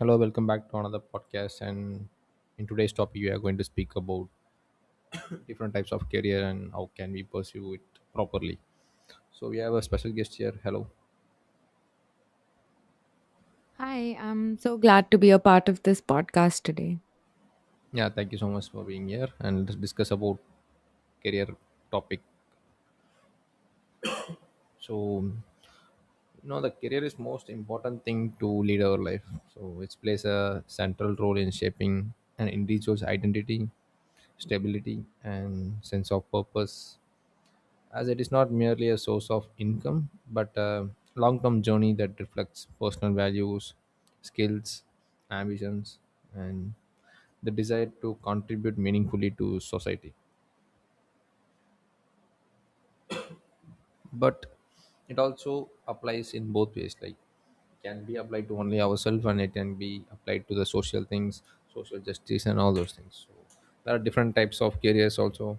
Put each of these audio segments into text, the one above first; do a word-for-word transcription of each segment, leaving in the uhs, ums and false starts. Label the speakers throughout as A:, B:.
A: Hello, welcome back to another podcast. And in today's topic, we are going to speak about different types of career and how can we pursue it properly. So we have a special guest here. Hello.
B: Hi, I'm so glad to be a part of this podcast today.
A: Yeah, thank you so much for being here and let's discuss about career topic. So you know the career is most important thing to lead our life. So it plays a central role in shaping an individual's identity, stability, and sense of purpose, as it is not merely a source of income but a long term journey that reflects personal values, skills, ambitions, and the desire to contribute meaningfully to society. But it also applies in both ways, like can be applied to only ourselves and it can be applied to the social things, social justice and all those things. So there are different types of careers also.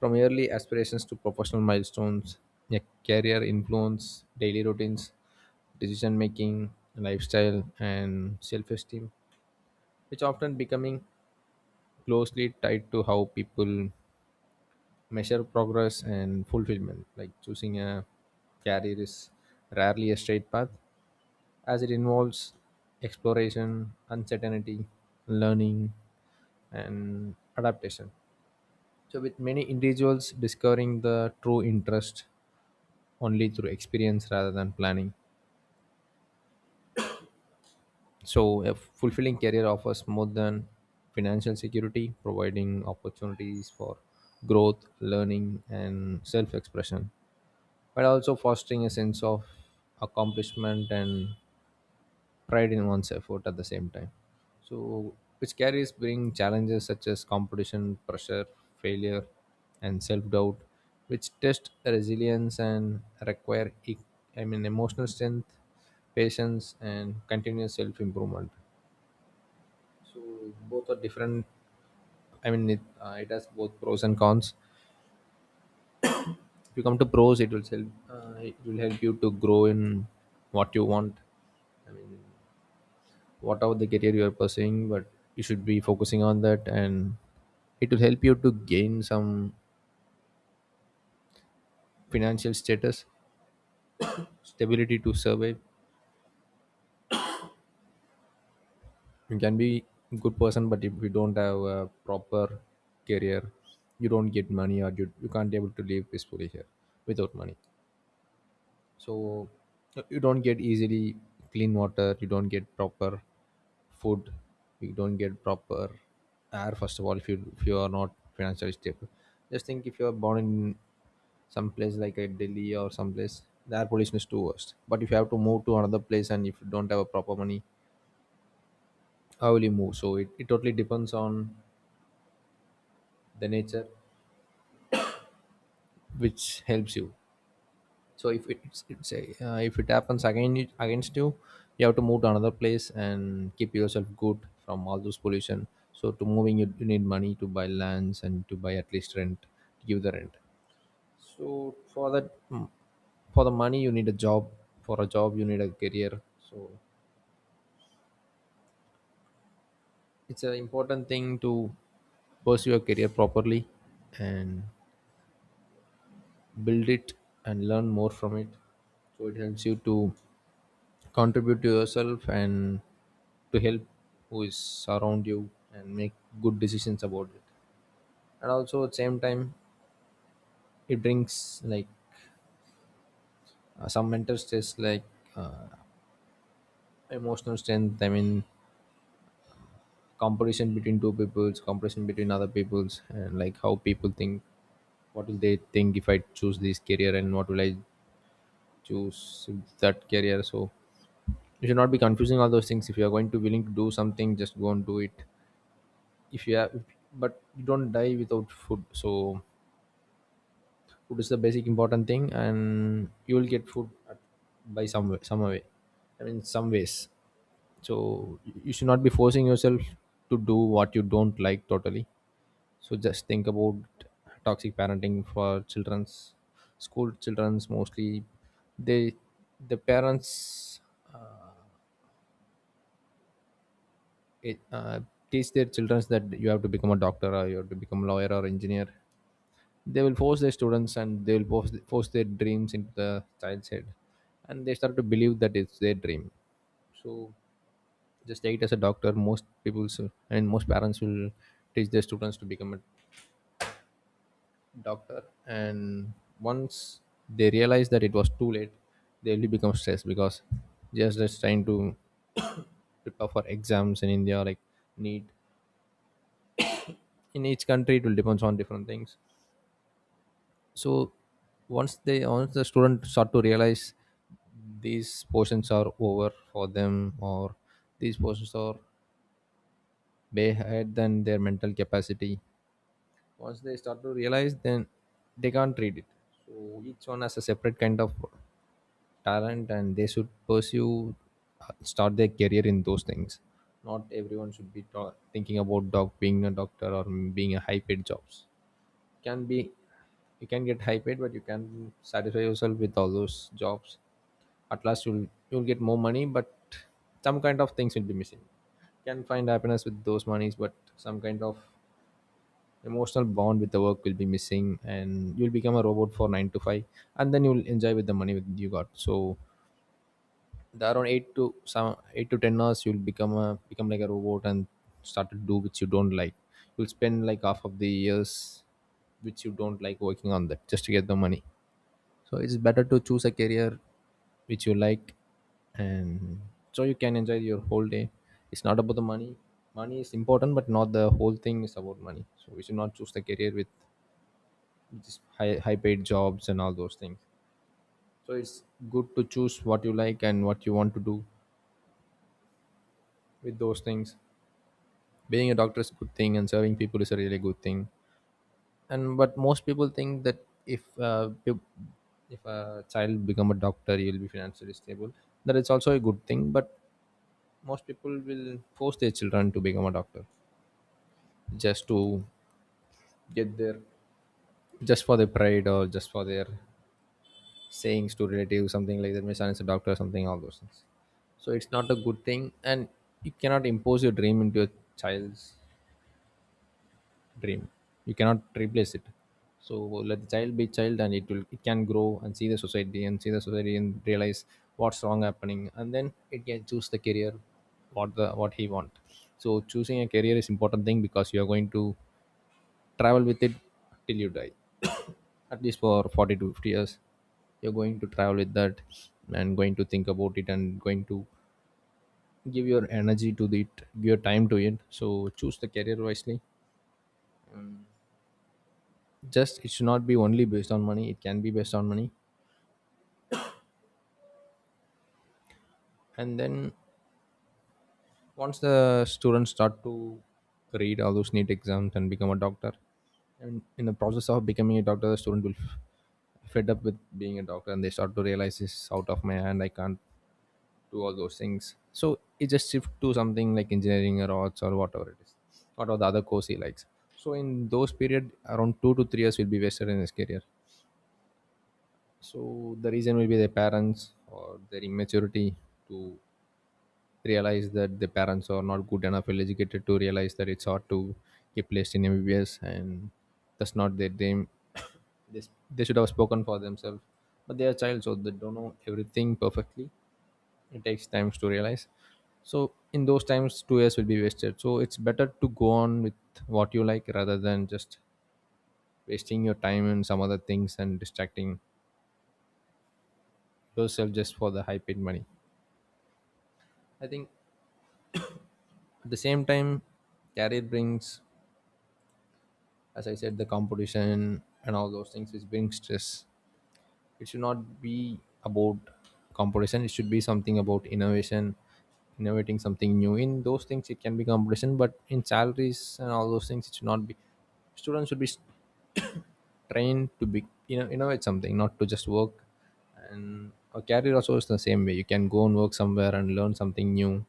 A: From early aspirations to professional milestones, a career influence daily routines, decision making, lifestyle, and self esteem, which often becoming closely tied to how people measure progress and fulfillment. Like choosing a career is rarely a straight path, as it involves exploration, uncertainty, learning, and adaptation. So, with many individuals discovering the true interest only through experience rather than planning. So, a fulfilling career offers more than financial security, providing opportunities for growth, learning, and self expression, but also fostering a sense of accomplishment and pride in one's effort at the same time. So, which careers bring challenges such as competition, pressure, failure, and self doubt, which test resilience and require, e- I mean, emotional strength, patience, and continuous self improvement. So both are different. I mean, it, uh, it has both pros and cons. If you come to pros, it will help. Uh, it will help you to grow in what you want, whatever the career you are pursuing. But you should be focusing on that, and it will help you to gain some financial status, stability to survive. You can be good person, but if you don't have a proper career, you don't get money, or you, you can't be able to live peacefully here without money. So you don't get easily clean water, you don't get proper food, you don't get proper air. First of all, if you if you are not financially stable, just think. If you are born in some place like a Delhi or some place, the air pollution is too worst, but if you have to move to another place and if you don't have a proper money, how will you move? So it, it totally depends on the nature which helps you. So if it- it's, it's a, uh, if it happens again, it- against you, you have to move to another place and keep yourself good from all those pollution. So to moving, you, you need money to buy lands and to buy, at least rent, to give the rent. So for that, mm, for the money, you need a job. For a job, you need a career. So it's an important thing to pursue your career properly and build it and learn more from it, so it helps you to contribute to yourself and to help who is around you and make good decisions about it. And also at same time, it brings like uh, some mental stress, like uh, emotional strength, I mean, comparison between two peoples, comparison between other peoples, and like how people think, what will they think if I choose this career, and what will I choose if that career. So you should not be confusing all those things. If you are going to willing to do something, just go and do it. If you have, but you don't die without food. So food is the basic important thing, and you will get food at, by some way, some way i mean some ways. So you should not be forcing yourself to do what you don't like totally. So just think about toxic parenting for children's, school children's mostly. They, the parents, uh, it, uh, teach their children that you have to become a doctor, or you have to become a lawyer or engineer. They will force their students, and they will force, force their dreams into the child's head, and they start to believe that it's their dream. So just take it as a doctor. Most people s- and most parents will teach their students to become a doctor, and once they realize that it was too late, they will become stressed. Because just just trying to prepare for exams in India, like neat in each country it will depends on different things. So once they once the student start to realize these portions are over for them, or these portions are way ahead than their mental capacity, once they start to realize, then they can't read it. So each one has a separate kind of talent, and they should pursue, uh, start their career in those things. Not everyone should be ta- thinking about doc being a doctor or being a high paid jobs. Can be, you can get high paid, but you can satisfy yourself with all those jobs. At last, you'll you'll get more money, but some kind of things will be missing. Can find happiness with those monies, but some kind of emotional bond with the work will be missing, and you'll become a robot for nine to five, and then you'll enjoy with the money with you got. So the around eight to some eight to ten hours, you'll become a become like a robot, and start to do which you don't like. You'll spend like half of the years which you don't like working on that, just to get the money. So it's better to choose a career which you like, and so you can enjoy your whole day. It's not about the money. Money is important, but not the whole thing is about money. So we should not choose the career with just high, high paid jobs and all those things. So it's good to choose what you like and what you want to do with those things. Being a doctor is a good thing, and serving people is a really good thing, and but most people think that if uh, peop- if a child become a doctor, he will be financially stable. That is also a good thing, but most people will force their children to become a doctor, just to get their, just for their pride, or just for their sayings to relatives, something like that, my son is a doctor, or something all those things. So it's not a good thing. And you cannot impose your dream into your child's dream. You cannot replace it. So let the child be child, and it will it can grow and see the society and see the society and realize what's wrong happening, and then it can choose the career what the what he want. So choosing a career is important thing, because you are going to travel with it till you die. At least for forty to fifty years, you're going to travel with that, and going to think about it, and going to give your energy to it, give your time to it. So choose the career wisely. Just it should not be only based on money. It can be based on money. And then once the students start to read all those neat exams and become a doctor, and in the process of becoming a doctor, the student will f- fed up with being a doctor, and they start to realize, this is out of my hand, I can't do all those things, so it just shift to something like engineering or arts or whatever it is, whatever the other course he likes. So in those period, around two to three years will be wasted in his career. So the reason will be their parents, or their immaturity to realize that the parents are not good enough well educated to realize that it's hard to get placed in M B B S, and that's not their dream. they, s- they should have spoken for themselves, but they are child, so they don't know everything perfectly. It takes times to realize. So in those times, two years will be wasted. So it's better to go on with what you like rather than just wasting your time in some other things and distracting yourself just for the high paid money. I think at the same time, career brings, as I said, the competition and all those things, which brings stress. It should not be about competition. It should be something about innovation, innovating something new. In those things, it can be competition, but in salaries and all those things, it should not be. Students should be trained to be you know innovate something, not to just work. And a career also is the same way: you can go and work somewhere and learn something new,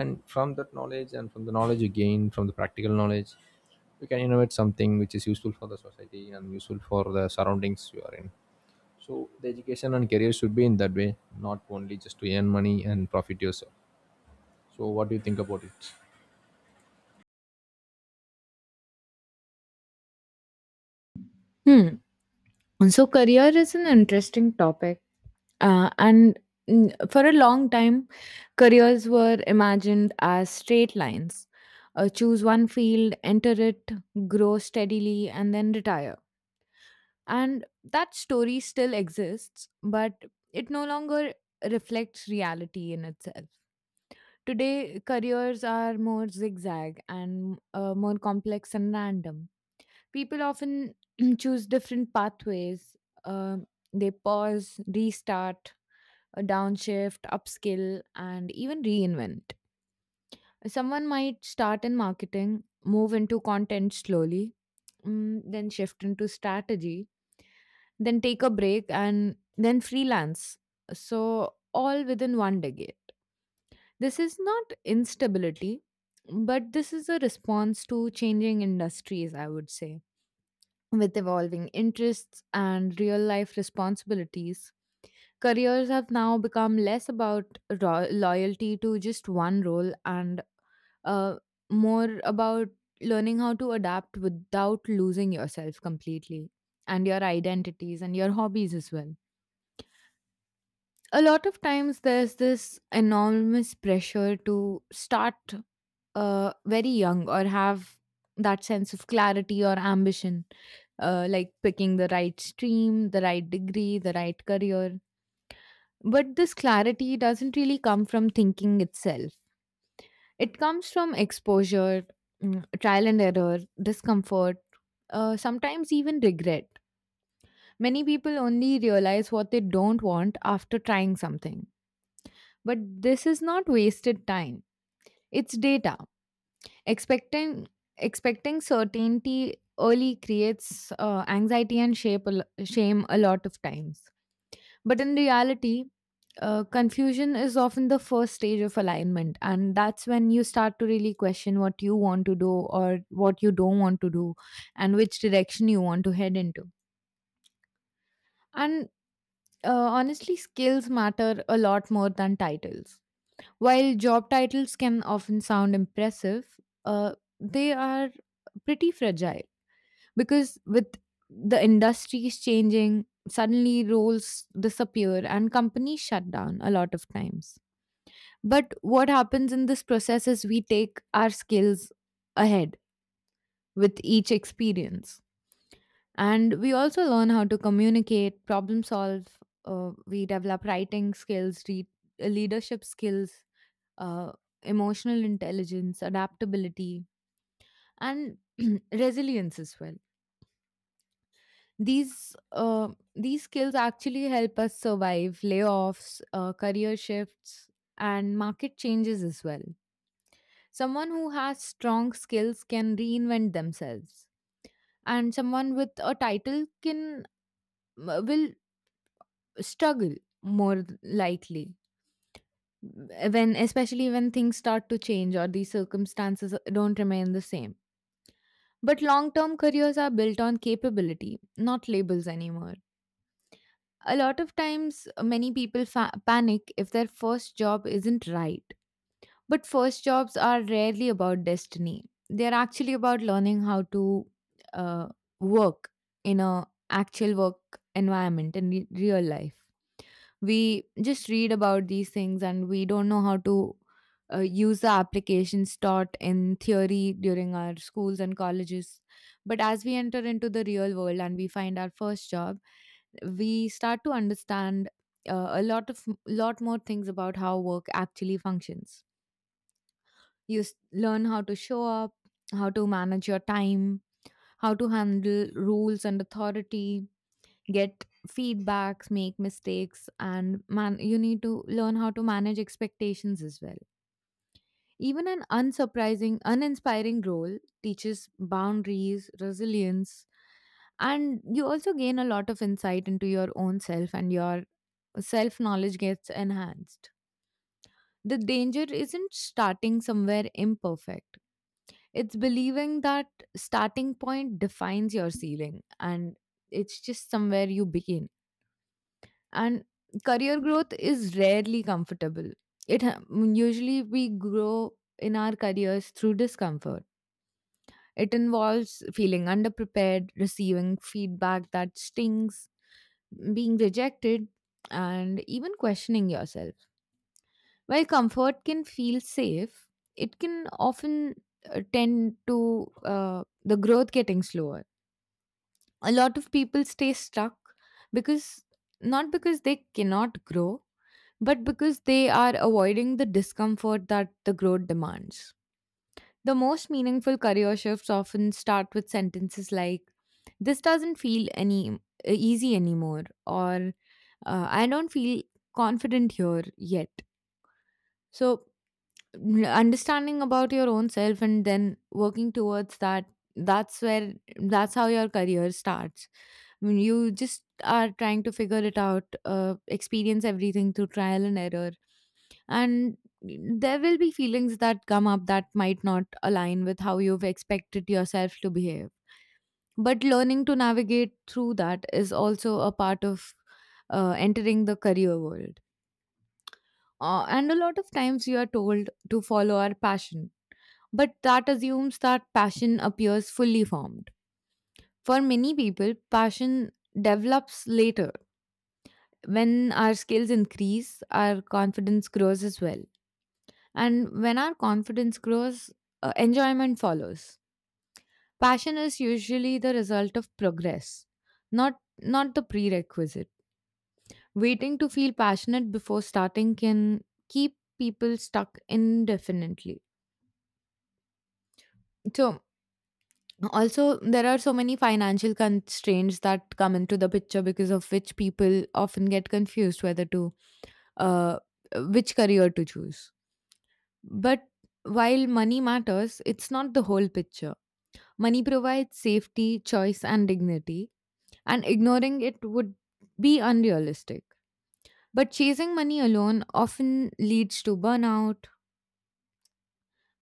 A: and from that knowledge, and from the knowledge you gain from the practical knowledge, you can innovate something which is useful for the society and useful for the surroundings you are in. So the education and career should be in that way, not only just to earn money and profit yourself. So what do you think about it?
B: Hmm. So, career is an interesting topic. Uh, and mm, for a long time, careers were imagined as straight lines, uh, choose one field, enter it, grow steadily, and then retire. And that story still exists, but it no longer reflects reality in itself. Today, careers are more zigzag and uh, more complex and random. People often choose different pathways. Um, they pause, restart, uh, downshift, upskill, and even reinvent. Someone might start in marketing, move into content slowly, mm, then shift into strategy, then take a break, and then freelance. So, all within one decade. This is not instability, but this is a response to changing industries, I would say. With evolving interests and real life responsibilities, careers have now become less about ro- loyalty to just one role and uh, more about learning how to adapt without losing yourself completely and your identities and your hobbies as well. A lot of times, there's this enormous pressure to start uh, very young or have that sense of clarity or ambition, uh, like picking the right stream, the right degree, the right career. But this clarity doesn't really come from thinking itself, it comes from exposure, mm, trial and error, discomfort, uh, sometimes even regret. Many people only realize what they don't want after trying something. But this is not wasted time, it's data. Expecting expecting certainty early creates uh, anxiety and shape a, lo- shame a lot of times. But in reality, uh, confusion is often the first stage of alignment, and that's when you start to really question what you want to do or what you don't want to do, and which direction you want to head into. And uh, honestly, skills matter a lot more than titles. While job titles can often sound impressive, uh, they are pretty fragile, because with the industries changing, suddenly roles disappear and companies shut down a lot of times. But what happens in this process is we take our skills ahead with each experience, and we also learn how to communicate, problem solve. Uh, we develop writing skills re- uh, leadership skills, uh, emotional intelligence, adaptability, and resilience as well. These uh, these skills actually help us survive layoffs, uh, career shifts, and market changes as well. Someone who has strong skills can reinvent themselves, and someone with a title can uh, will struggle more likely, eh, when especially when things start to change or the circumstances uh, don't remain the same. But long term careers are built on capability, not labels anymore. A lot of times, uh, many people fa- panic if their first job isn't right. But first jobs are rarely about destiny. They're actually about learning how to uh, work in a actual work environment in re- real life. We just read about these things and we don't know how to uh, use the applications taught in theory during our schools and colleges. But as we enter into the real world and we find our first job, we start to understand uh, a lot of lot more things about how work actually functions. You s- learn how to show up, how to manage your time, how to handle rules and authority, get feedbacks, make mistakes, and man, you need to learn how to manage expectations as well. Even an unsurprising, uninspiring role teaches boundaries, resilience, and you also gain a lot of insight into your own self, and your self knowledge gets enhanced. The danger isn't starting somewhere imperfect, it's believing that starting point defines your ceiling, and it's just somewhere you begin. And career growth is rarely comfortable. It ha- usually we grow in our careers through discomfort. It involves feeling underprepared, receiving feedback that stings, being rejected, and even questioning yourself. While comfort can feel safe, it can often uh, tend to uh, the growth getting slower. A lot of people stay stuck because, not because they cannot grow, but because they are avoiding the discomfort that the growth demands. The most meaningful career shifts often start with sentences like, "This doesn't feel any e-, easy anymore," or, uh, "I don't feel confident here yet." So, n- understanding about your own self and then working towards that, that's where that's how your career starts. I mean, you just are trying to figure it out, uh, experience everything through trial and error, and there will be feelings that come up that might not align with how you've expected yourself to behave, but learning to navigate through that is also a part of uh, entering the career world. Uh, and a lot of times you are told to follow our passion, but that assumes that passion appears fully formed. For many people, passion develops later, when our skills increase, our confidence grows as well. And when our confidence grows, uh, enjoyment follows. Passion is usually the result of progress, not not the prerequisite. Waiting to feel passionate before starting can keep people stuck indefinitely. So, also, there are so many financial constraints that come into the picture, because of which people often get confused whether to uh, which career to choose. But while money matters, it's not the whole picture. Money provides safety, choice, and dignity, and ignoring it would be unrealistic. But chasing money alone often leads to burnout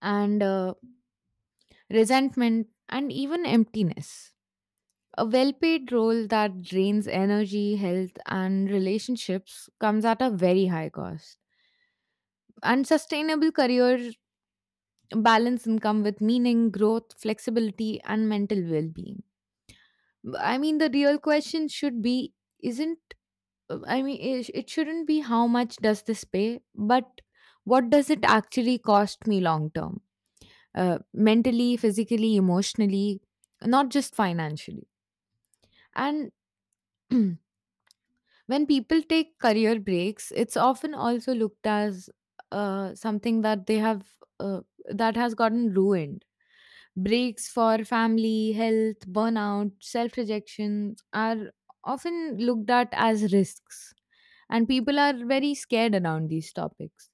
B: and uh, resentment and even emptiness. A well paid role that drains energy, health, and relationships comes at a very high cost. And sustainable career balance income with meaning, growth, flexibility, and mental well being. I mean, the real question should be isn't, I mean, it it shouldn't be how much does this pay, but what does it actually cost me long term? Uh, mentally, physically, emotionally, not just financially. And when people take career breaks, it's often also looked as uh, something that they have uh, that has gotten ruined. Breaks for family, health, burnout, self-rejection are often looked at as risks, and people are very scared around these topics.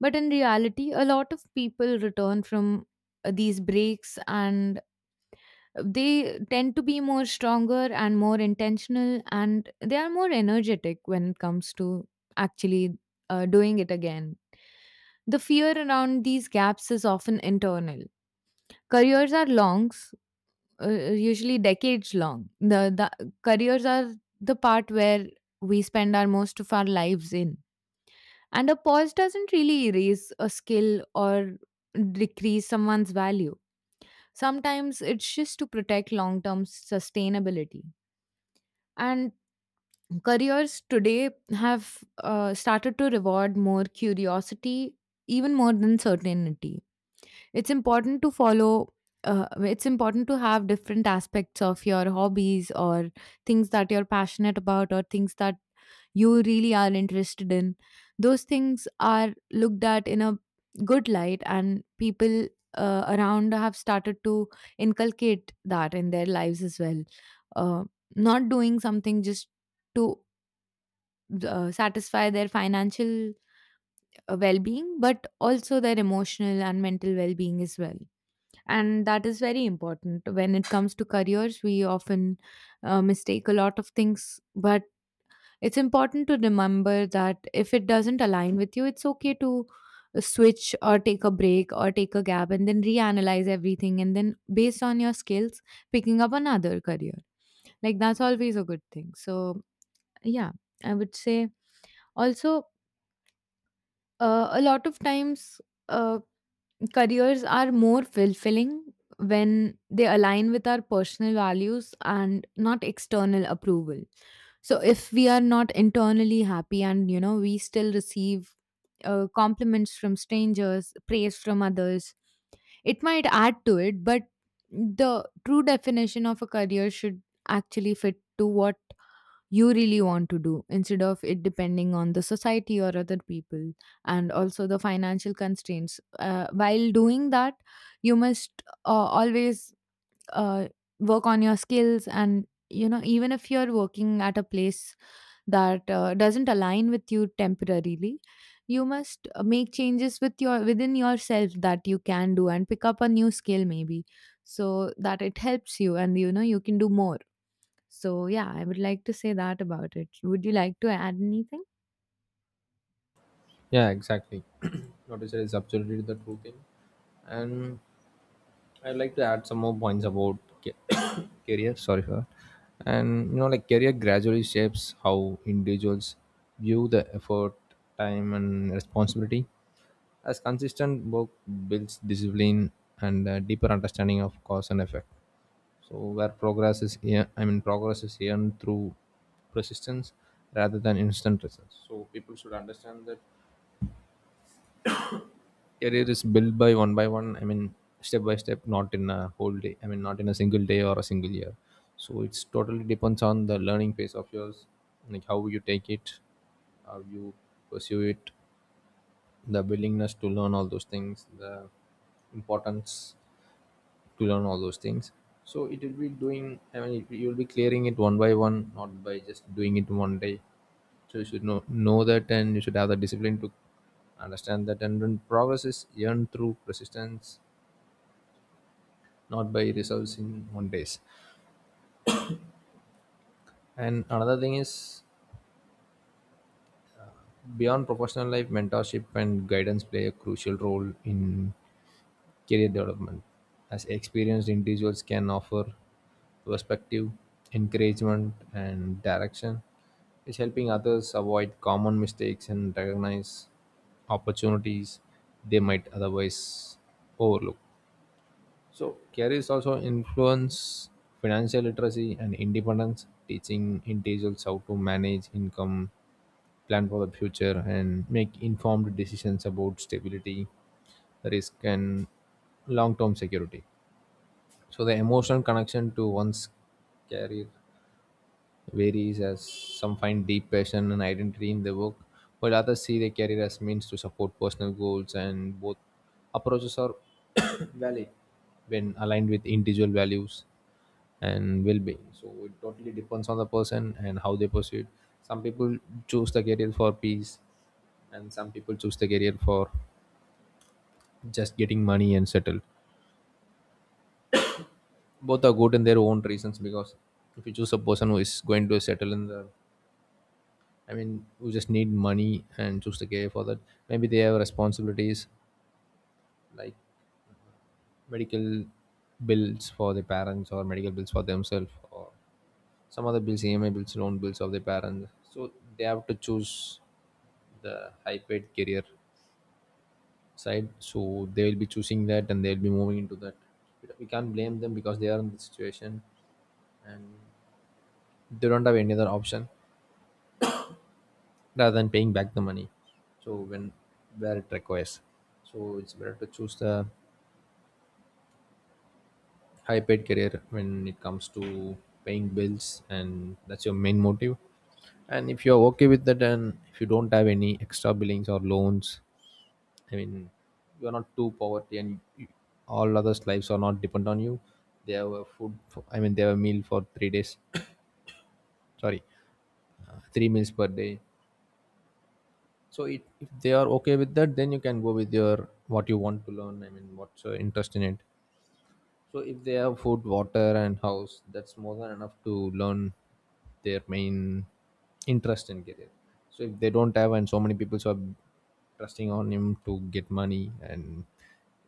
B: But in reality, a lot of people return from uh, these breaks, and they tend to be more stronger and more intentional, and they are more energetic when it comes to actually uh, doing it again. The fear around these gaps is often internal. Careers are long s- uh, usually decades long. The, the careers are the part where we spend our most of our lives in, and a pause doesn't really erase a skill or decrease someone's value. Sometimes it's just to protect long term sustainability. And careers today have uh, started to reward more curiosity, even more than certainty. It's important to follow, uh, it's important to have different aspects of your hobbies or things that you're passionate about or things that you really are interested in. Those things are looked at in a good light, and people uh, around have started to inculcate that in their lives as well. Uh, Not doing something just to uh, satisfy their financial uh, well being, but also their emotional and mental well being as well. And that is very important. When it comes to careers, we often uh, mistake a lot of things, but it's important to remember that if it doesn't align with you, it's okay to switch or take a break or take a gap and then reanalyze everything, and then based on your skills picking up another career, like that's always a good thing. So yeah, I would say, also, uh, a lot of times uh, careers are more fulfilling when they align with our personal values and not external approval. So if we are not internally happy and you know we still receive uh, compliments from strangers, praise from others, it might add to it, but the true definition of a career should actually fit to what you really want to do, instead of it depending on the society or other people. And also the financial constraints, uh, while doing that you must uh, always uh, work on your skills. And you know, even if you're working at a place that uh, doesn't align with you temporarily, you must uh, make changes with your within yourself that you can do, and pick up a new skill maybe, so that it helps you and you know you can do more. So yeah, I would like to say that about it. Would you like to add anything?
A: Yeah, exactly. What you said is absolutely the true thing. And I'd like to add some more points about ca- career, sorry for that. And you know, like, career gradually shapes how individuals view the effort, time, and responsibility. As consistent work builds discipline and a deeper understanding of cause and effect. So where progress is ear- I mean, progress is earned through persistence rather than instant results. So people should understand that career is built by one by one, I mean step by step, not in a whole day. I mean, not in a single day or a single year. So it's totally depends on the learning phase of yours, like how you take it, how you pursue it, the willingness to learn all those things, the importance to learn all those things. So it will be doing, I mean, it, you'll be clearing it one by one, not by just doing it one day. So you should know know that, and you should have the discipline to understand that, and then progress is earned through persistence, not by results in one days. And another thing is, beyond professional life, mentorship and guidance play a crucial role in career development, as experienced individuals can offer perspective, encouragement, and direction, is helping others avoid common mistakes and recognize opportunities they might otherwise overlook. So, careers also influence financial literacy and independence, teaching individuals how to manage income, plan for the future, and make informed decisions about stability, risk, and long term security. So the emotional connection to one's career varies, as some find deep passion and identity in their work, while others see their career as means to support personal goals, and both approaches are valid when aligned with individual values and well-being. So it totally depends on the person and how they pursue it. Some people choose the career for peace, and some people choose the career for just getting money and settle. Both are good in their own reasons, because if you choose a person who is going to settle in the, i mean who just need money and choose to care for that, maybe they have responsibilities, like medical bills for their parents or medical bills for themselves, or some other bills, EMI bills, loan bills of their parents. So they have to choose the high paid career side, so they will be choosing that and they'll be moving into that. We we can't blame them because they are in the situation, and they don't have any other option rather than paying back the money. So when, where it requires, so it's better to choose the high paid career when it comes to paying bills and that's your main motive. And if you're okay with that, and if you don't have any extra billings or loans, I mean, you're not too poverty, and you- all others lives are not dependent on you, they have a food for, I mean, they have a meal for three days. Sorry, uh, three meals per day. So it, if they are okay with that, then you can go with your what you want to learn. I mean, what's your interest in it. So if they have food, water, and house, that's more than enough to learn their main interest and career. So if they don't have, and so many people are trusting on him to get money, and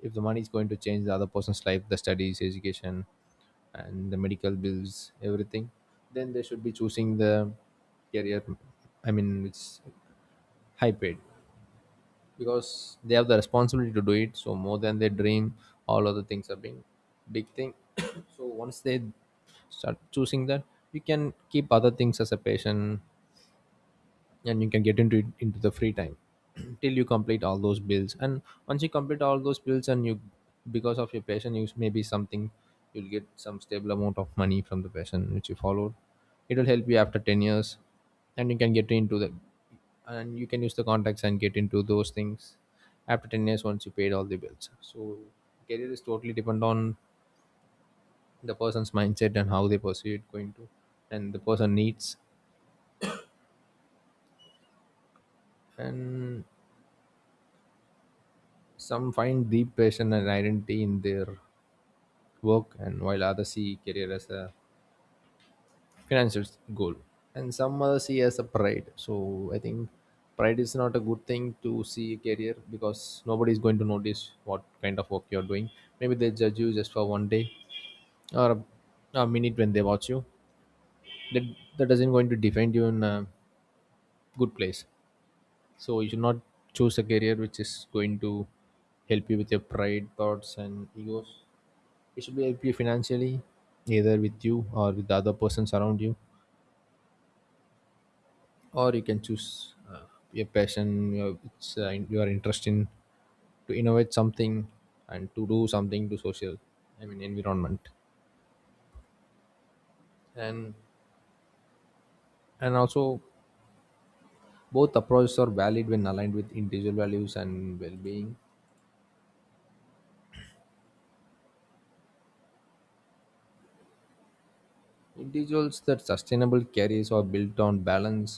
A: if the money is going to change the other person's life, the studies, education, and the medical bills, everything, then they should be choosing the career. I mean, it's high paid, because they have the responsibility to do it, so more than their dream, all other things are being big thing. So once they start choosing that, you can keep other things as a patient and you can get into it into the free time till you complete all those builds. And once you complete all those builds, and you, because of your passion, you maybe something, you'll get some stable amount of money from the passion which you followed. It will help you after ten years, and you can get into the, and you can use the contacts and get into those things after ten years, once you paid all the bills. So career is totally depend on the person's mindset and how they pursue it going to, and the person needs. And some find deep passion and identity in their work, and while others see career as a financial goal, and some others see as a pride. So I think pride is not a good thing to see a career, because nobody is going to notice what kind of work you're doing. Maybe they judge you just for one day, or a, a minute when they watch you. That that doesn't going to define you in a good place. So you should not choose a career which is going to help you with your pride, thoughts, and egos. It should be help you financially, either with you or with the other persons around you. Or you can choose uh, your passion, your, it's, uh, your interest in to innovate something and to do something to social, I mean environment. and and also, both approaches are valid when aligned with individual values and well-being. Individuals that sustainable careers are built on balance,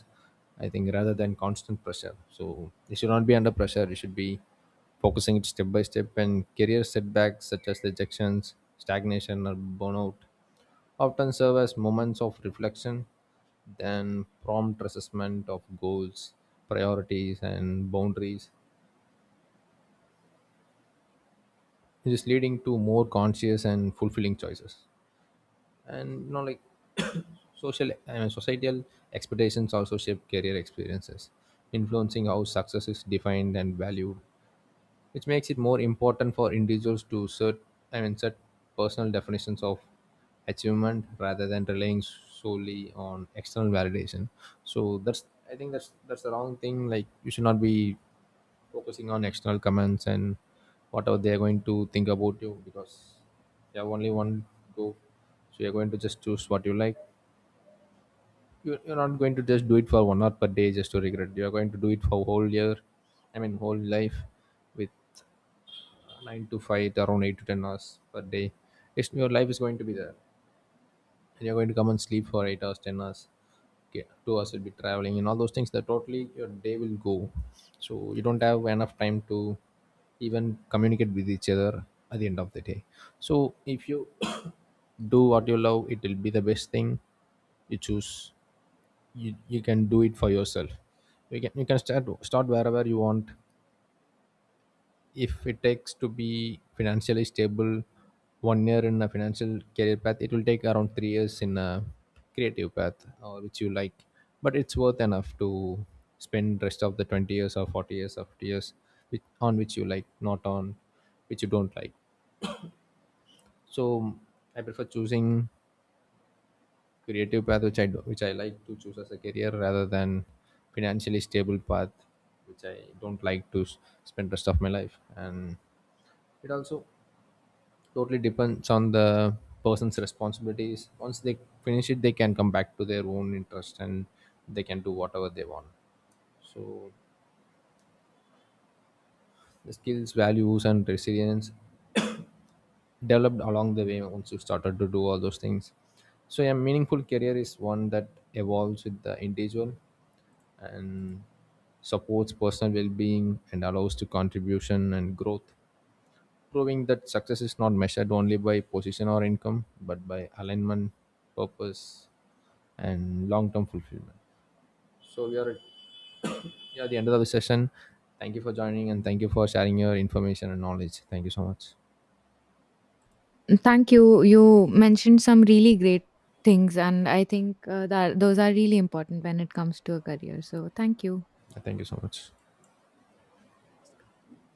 A: I think, rather than constant pressure. So they should not be under pressure, you should be focusing it step by step. And career setbacks such as rejections, stagnation, or burnout often serve as moments of reflection, then prompt assessment of goals, priorities, and boundaries, which is leading to more conscious and fulfilling choices. And you know, like, social I mean, societal expectations also shape career experiences, influencing how success is defined and valued, which makes it more important for individuals to set I mean set personal definitions of achievement rather than relying solely on external validation. So that's, I think that's that's the wrong thing. Like, you should not be focusing on external comments and whatever they are going to think about you, because you have only one go. So you're going to just choose what you like. You, you're not going to just do it for one hour per day just to regret, you're going to do it for whole year, I mean whole life, with uh, nine to five, around eight to ten hours per day. It's your life is going to be there. And you're going to come and sleep for eight hours, ten hours, okay, two hours will be traveling and all those things. That totally your day will go. So you don't have enough time to even communicate with each other at the end of the day. So if you do what you love, it will be the best thing you choose. You you can do it for yourself. You can you can start start wherever you want. If it takes to be financially stable one year in a financial career path, it will take around three years in a creative path, or which you like. But it's worth enough to spend rest of the twenty years or forty years or fifty years which, on which you like, not on which you don't like. So I prefer choosing creative path, which I do, which I like to choose as a career, rather than financially stable path, which I don't like to s- spend rest of my life. And it also totally depends on the person's responsibilities. Once they finish it, they can come back to their own interest and they can do whatever they want. So the skills, values, and resilience developed along the way once you started to do all those things. So a meaningful career is one that evolves with the individual and supports personal well-being and allows to contribution and growth, proving that success is not measured only by position or income, but by alignment, purpose, and long term fulfillment. So, we are at, yeah, the end of the session. Thank you for joining, and thank you for sharing your information and knowledge. Thank you so much.
B: Thank you. You mentioned some really great things, and I think uh, that those are really important when it comes to a career. So, thank you.
A: Thank you so much.